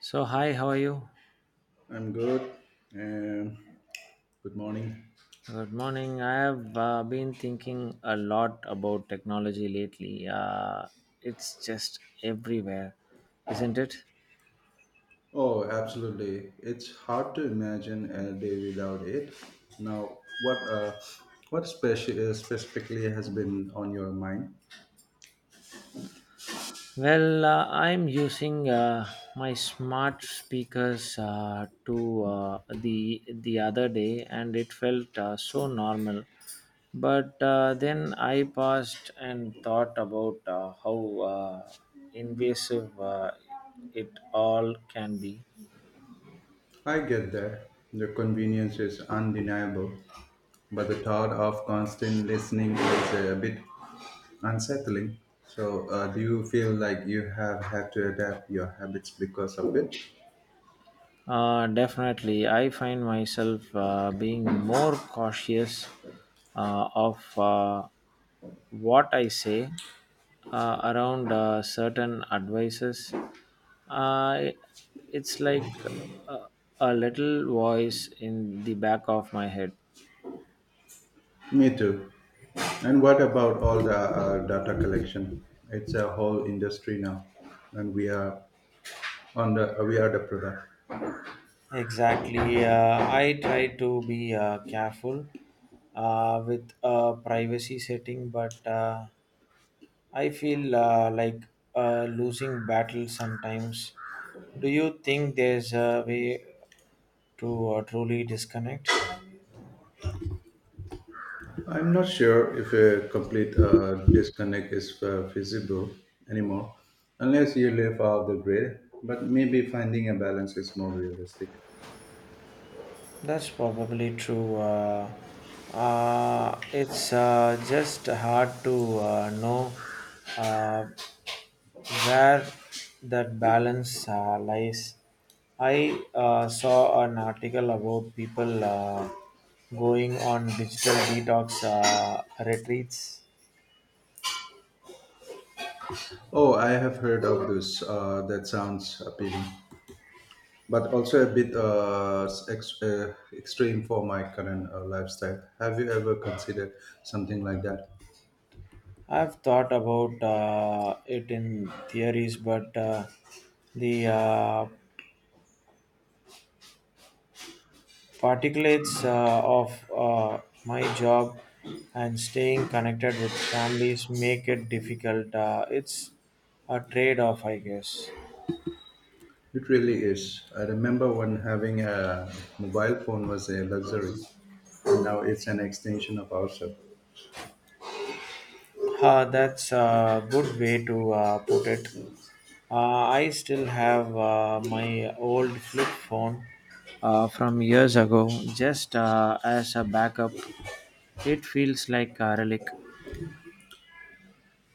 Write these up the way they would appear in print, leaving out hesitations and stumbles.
So, hi, how are you? I'm good. Um, Good morning. Good morning. I have been thinking a lot about technology lately. It's just everywhere, isn't it? Oh, absolutely. It's hard to imagine a day without it. Now, what specifically has been on your mind? Well, I'm using my smart speakers to the other day, and it felt so normal. But then I paused and thought about how uh, invasive it all can be. I get that the convenience is undeniable, but the thought of constant listening is a bit unsettling. So, do you feel like you have had to adapt your habits because of it? Definitely, I find myself being more cautious of what I say around certain advices. Uh, it's like a, a little voice in the back of my head. Me too. And what about all the data collection? It's a whole industry now, and we are the product. Exactly. I try to be careful with privacy setting, but. I feel like losing battles sometimes. Do you think there's a way to truly disconnect? I'm not sure if a complete disconnect is feasible anymore, unless you live off the grid. But maybe finding a balance is more realistic. That's probably true. It's just hard to know uh, where that balance lies. I saw an article about people going on digital detox retreats. Oh, I have heard of this. That sounds appealing, but also a bit extreme for my current lifestyle. Have you ever considered something like that? I've thought about it in theories, but the particulates of my job and staying connected with families make it difficult. It's a trade off, I guess. It really is. I remember when having a mobile phone was a luxury, and now it's an extension of ourselves. That's a good way to put it. I still have my old flip phone from years ago, just as a backup. It feels like a relic.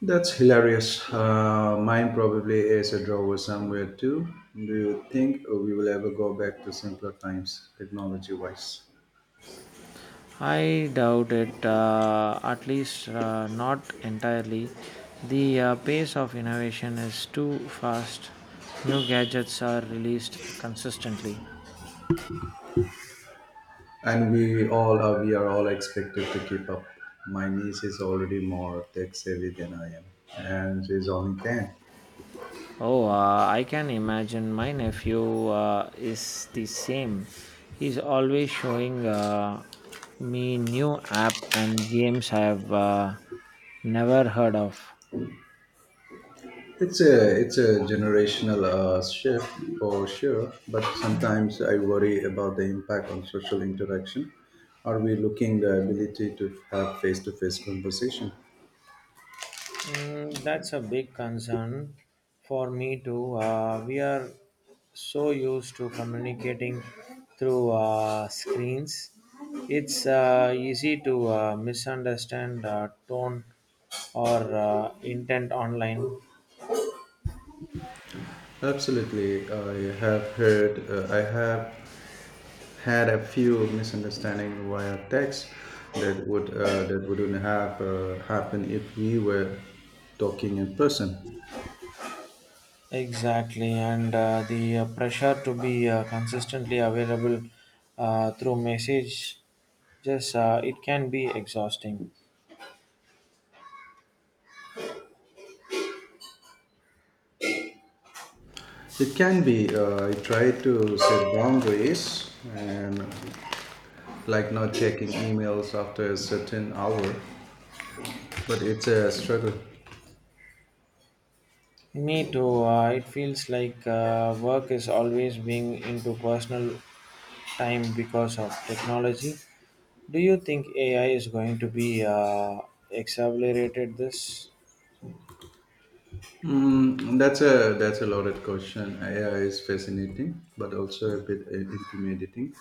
That's hilarious. Mine probably is a drawer somewhere too. Do you think we will ever go back to simpler times, technology wise? I doubt it, at least not entirely. The pace of innovation is too fast. New gadgets are released consistently. And we are all expected to keep up. My niece is already more tech savvy than I am, and she's only 10. Oh, I can imagine my nephew is the same. He's always showing me new app and games I have never heard of. It's a generational shift for sure, but sometimes I worry about the impact on social interaction. Are we looking the ability to have face-to-face conversation? That's a big concern for me too. We are so used to communicating through screens. It's easy to misunderstand tone or intent online. Absolutely, I have had a few misunderstandings via text that wouldn't have happened if we were talking in person. Exactly, and the pressure to be consistently available through message, just it can be exhausting. It can be. I try to set boundaries and like not checking emails after a certain hour, but it's a struggle. Me too. It feels like work is always being into personal time because of technology. Do you think AI is going to be accelerated this? That's a loaded question. AI is fascinating, but also a bit intimidating.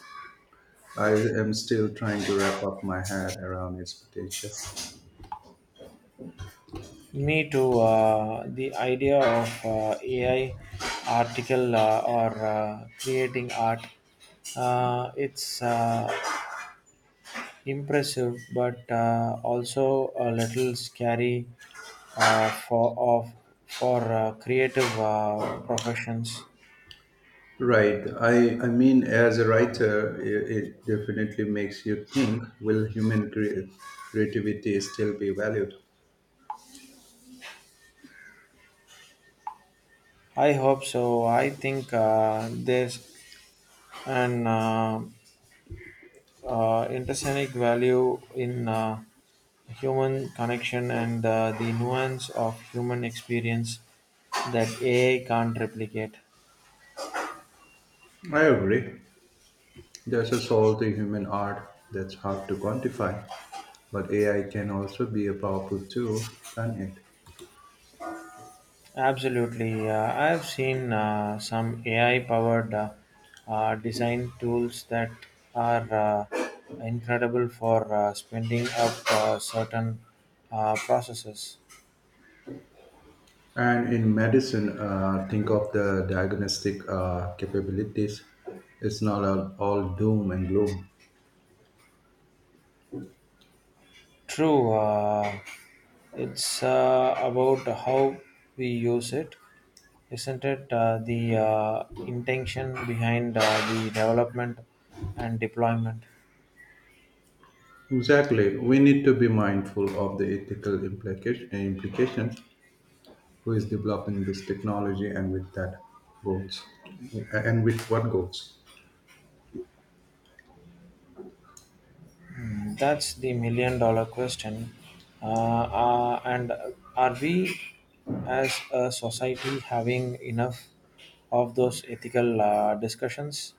I am still trying to wrap up my head around its potential. Me too. The idea of AI article or creating art, it's Impressive, but also a little scary uh, for of for creative professions. Right. I mean, as a writer, it definitely makes you think. Will creativity still be valued? I hope so. I think there's an intrinsic value in human connection and the nuance of human experience that AI can't replicate. I agree. There's a soul to human art that's hard to quantify, but AI can also be a powerful tool, can't it? Absolutely. I've seen some AI powered design tools that are uh, incredible for spending up certain processes. And in medicine, think of the diagnostic capabilities. It's not all doom and gloom. True, it's about how we use it, isn't it? The intention behind the development and deployment. Exactly. We need to be mindful of the ethical implications who is developing this technology and with that goals. And with what goals. That's the million dollar question. And are we as a society having enough of those ethical discussions?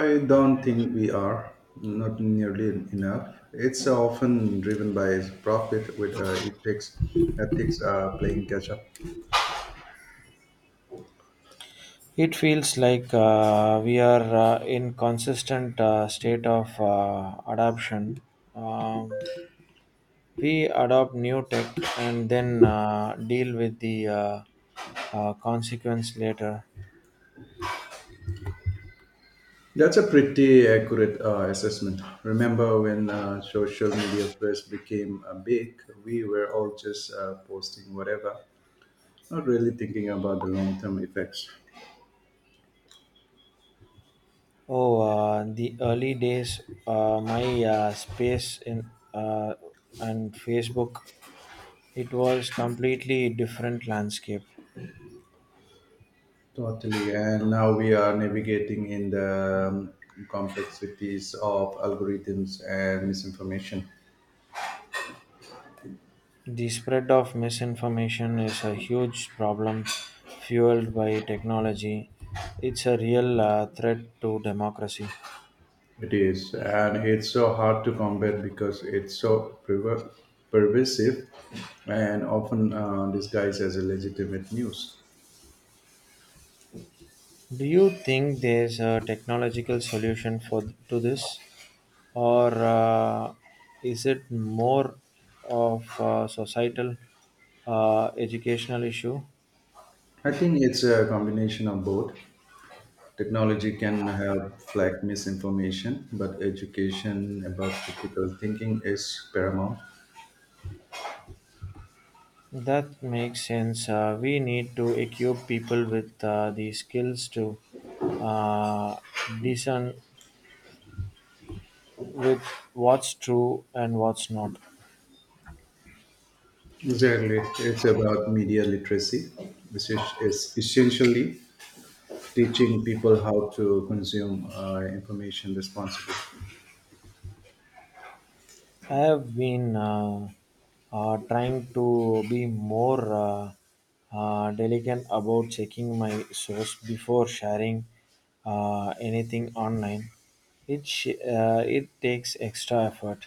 I don't think we are, not nearly enough. It's often driven by profit, with ethics playing catch up. It feels like we are in consistent state of adoption. Um, we adopt new tech and then deal with the consequence later. That's a pretty accurate assessment. Remember when social media first became big, we were all just posting whatever, not really thinking about the long term effects. Oh, the early days, my space in and Facebook, it was completely different landscape. Totally. And now we are navigating in the complexities of algorithms and misinformation. The spread of misinformation is a huge problem fueled by technology. It's a real threat to democracy. It is, and it's so hard to combat because it's pervasive and often disguised as a legitimate news. Do you think there's a technological solution for to this, or is it more of a societal, educational issue? I think it's a combination of both. Technology can help flag misinformation, but education about critical thinking is paramount. That makes sense. We need to equip people with the skills to uh, discern with what's true and what's not. Exactly. It's about media literacy, which is essentially teaching people how to consume information responsibly. I have been trying to be more delicate about checking my source before sharing anything online. It takes extra effort.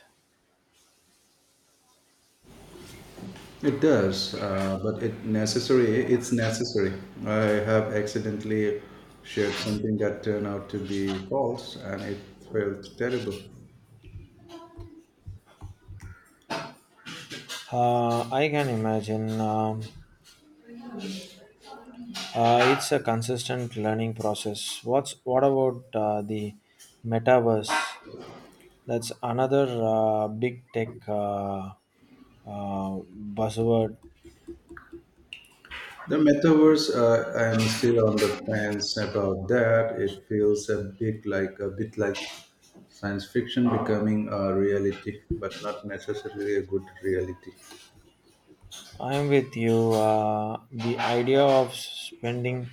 It does, but it necessary. It's necessary. I have accidentally shared something that turned out to be false, and it felt terrible. I can imagine it's a consistent learning process. What about the metaverse? That's another big tech uh, buzzword. The metaverse, I am still on the fence about that. It feels a bit like science fiction becoming a reality, but not necessarily a good reality. I'm with you. The idea of spending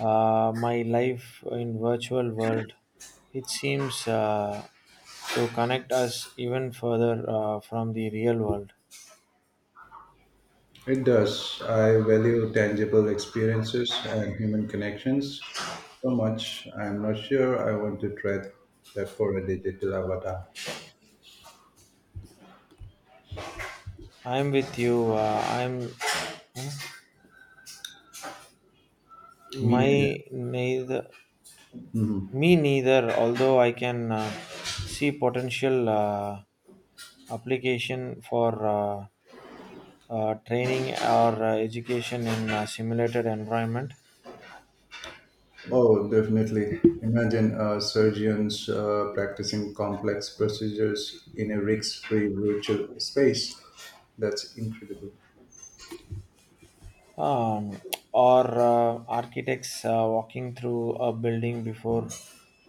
my life in virtual world, it seems to connect us even further from the real world. It does. I value tangible experiences and human connections so much. I'm not sure I want to trade that for a digital avatar. I'm with you. I'm Me neither. my neither me neither. Although I can see potential application for training or education in a simulated environment. Oh, definitely. Imagine surgeons practicing complex procedures in a risk free virtual space. That's incredible. um, or architects walking through a building before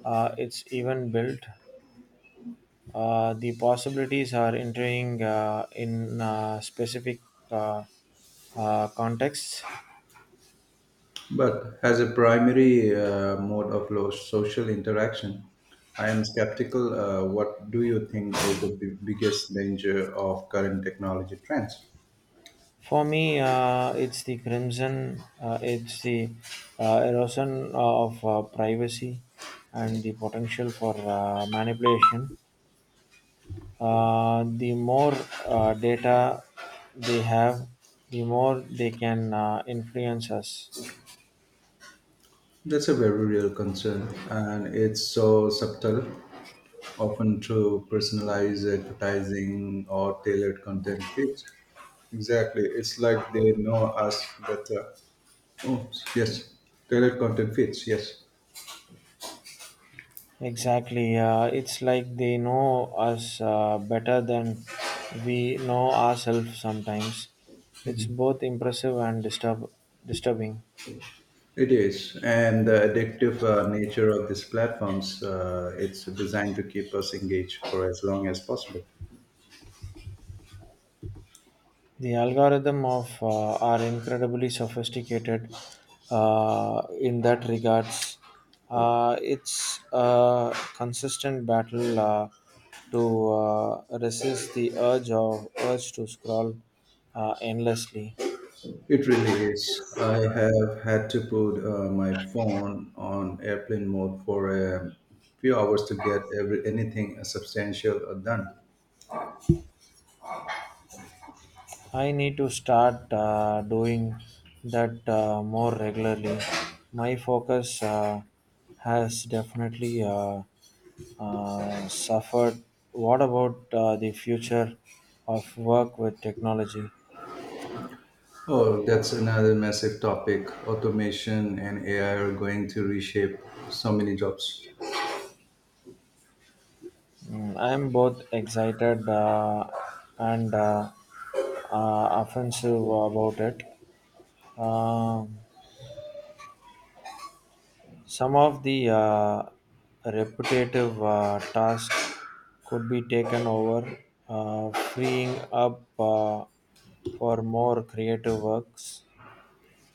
it's even built. The possibilities are entering in specific uh, contexts. But as a primary social interaction, I am skeptical. What do you think is the biggest danger of current technology trends? For me, it's the erosion of privacy and the potential for manipulation. The more data they have, the more they can influence us. That's a very real concern, and it's so subtle, often through personalized advertising or tailored content feeds. Exactly, it's like they know us better. Oh, yes, tailored content feeds, yes. Exactly. It's like they know us better than we know ourselves sometimes. It's both impressive and disturbing. It is, and the addictive nature of these platforms, it's designed to keep us engaged for as long as possible. The algorithm of are incredibly sophisticated in that regards. It's a consistent battle to resist the urge to scroll endlessly. It really is. I have had to put my phone on airplane mode for a few hours to anything substantial done. I need to start doing that more regularly. My focus has definitely suffered. What about the future of work with technology? Oh, that's another massive topic. Automation and AI are going to reshape so many jobs. I'm both excited and offensive about it. Um Some of the repetitive tasks could be taken over, freeing up for more creative works.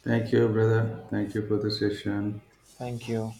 Thank you, brother. Thank you for the session. Thank you.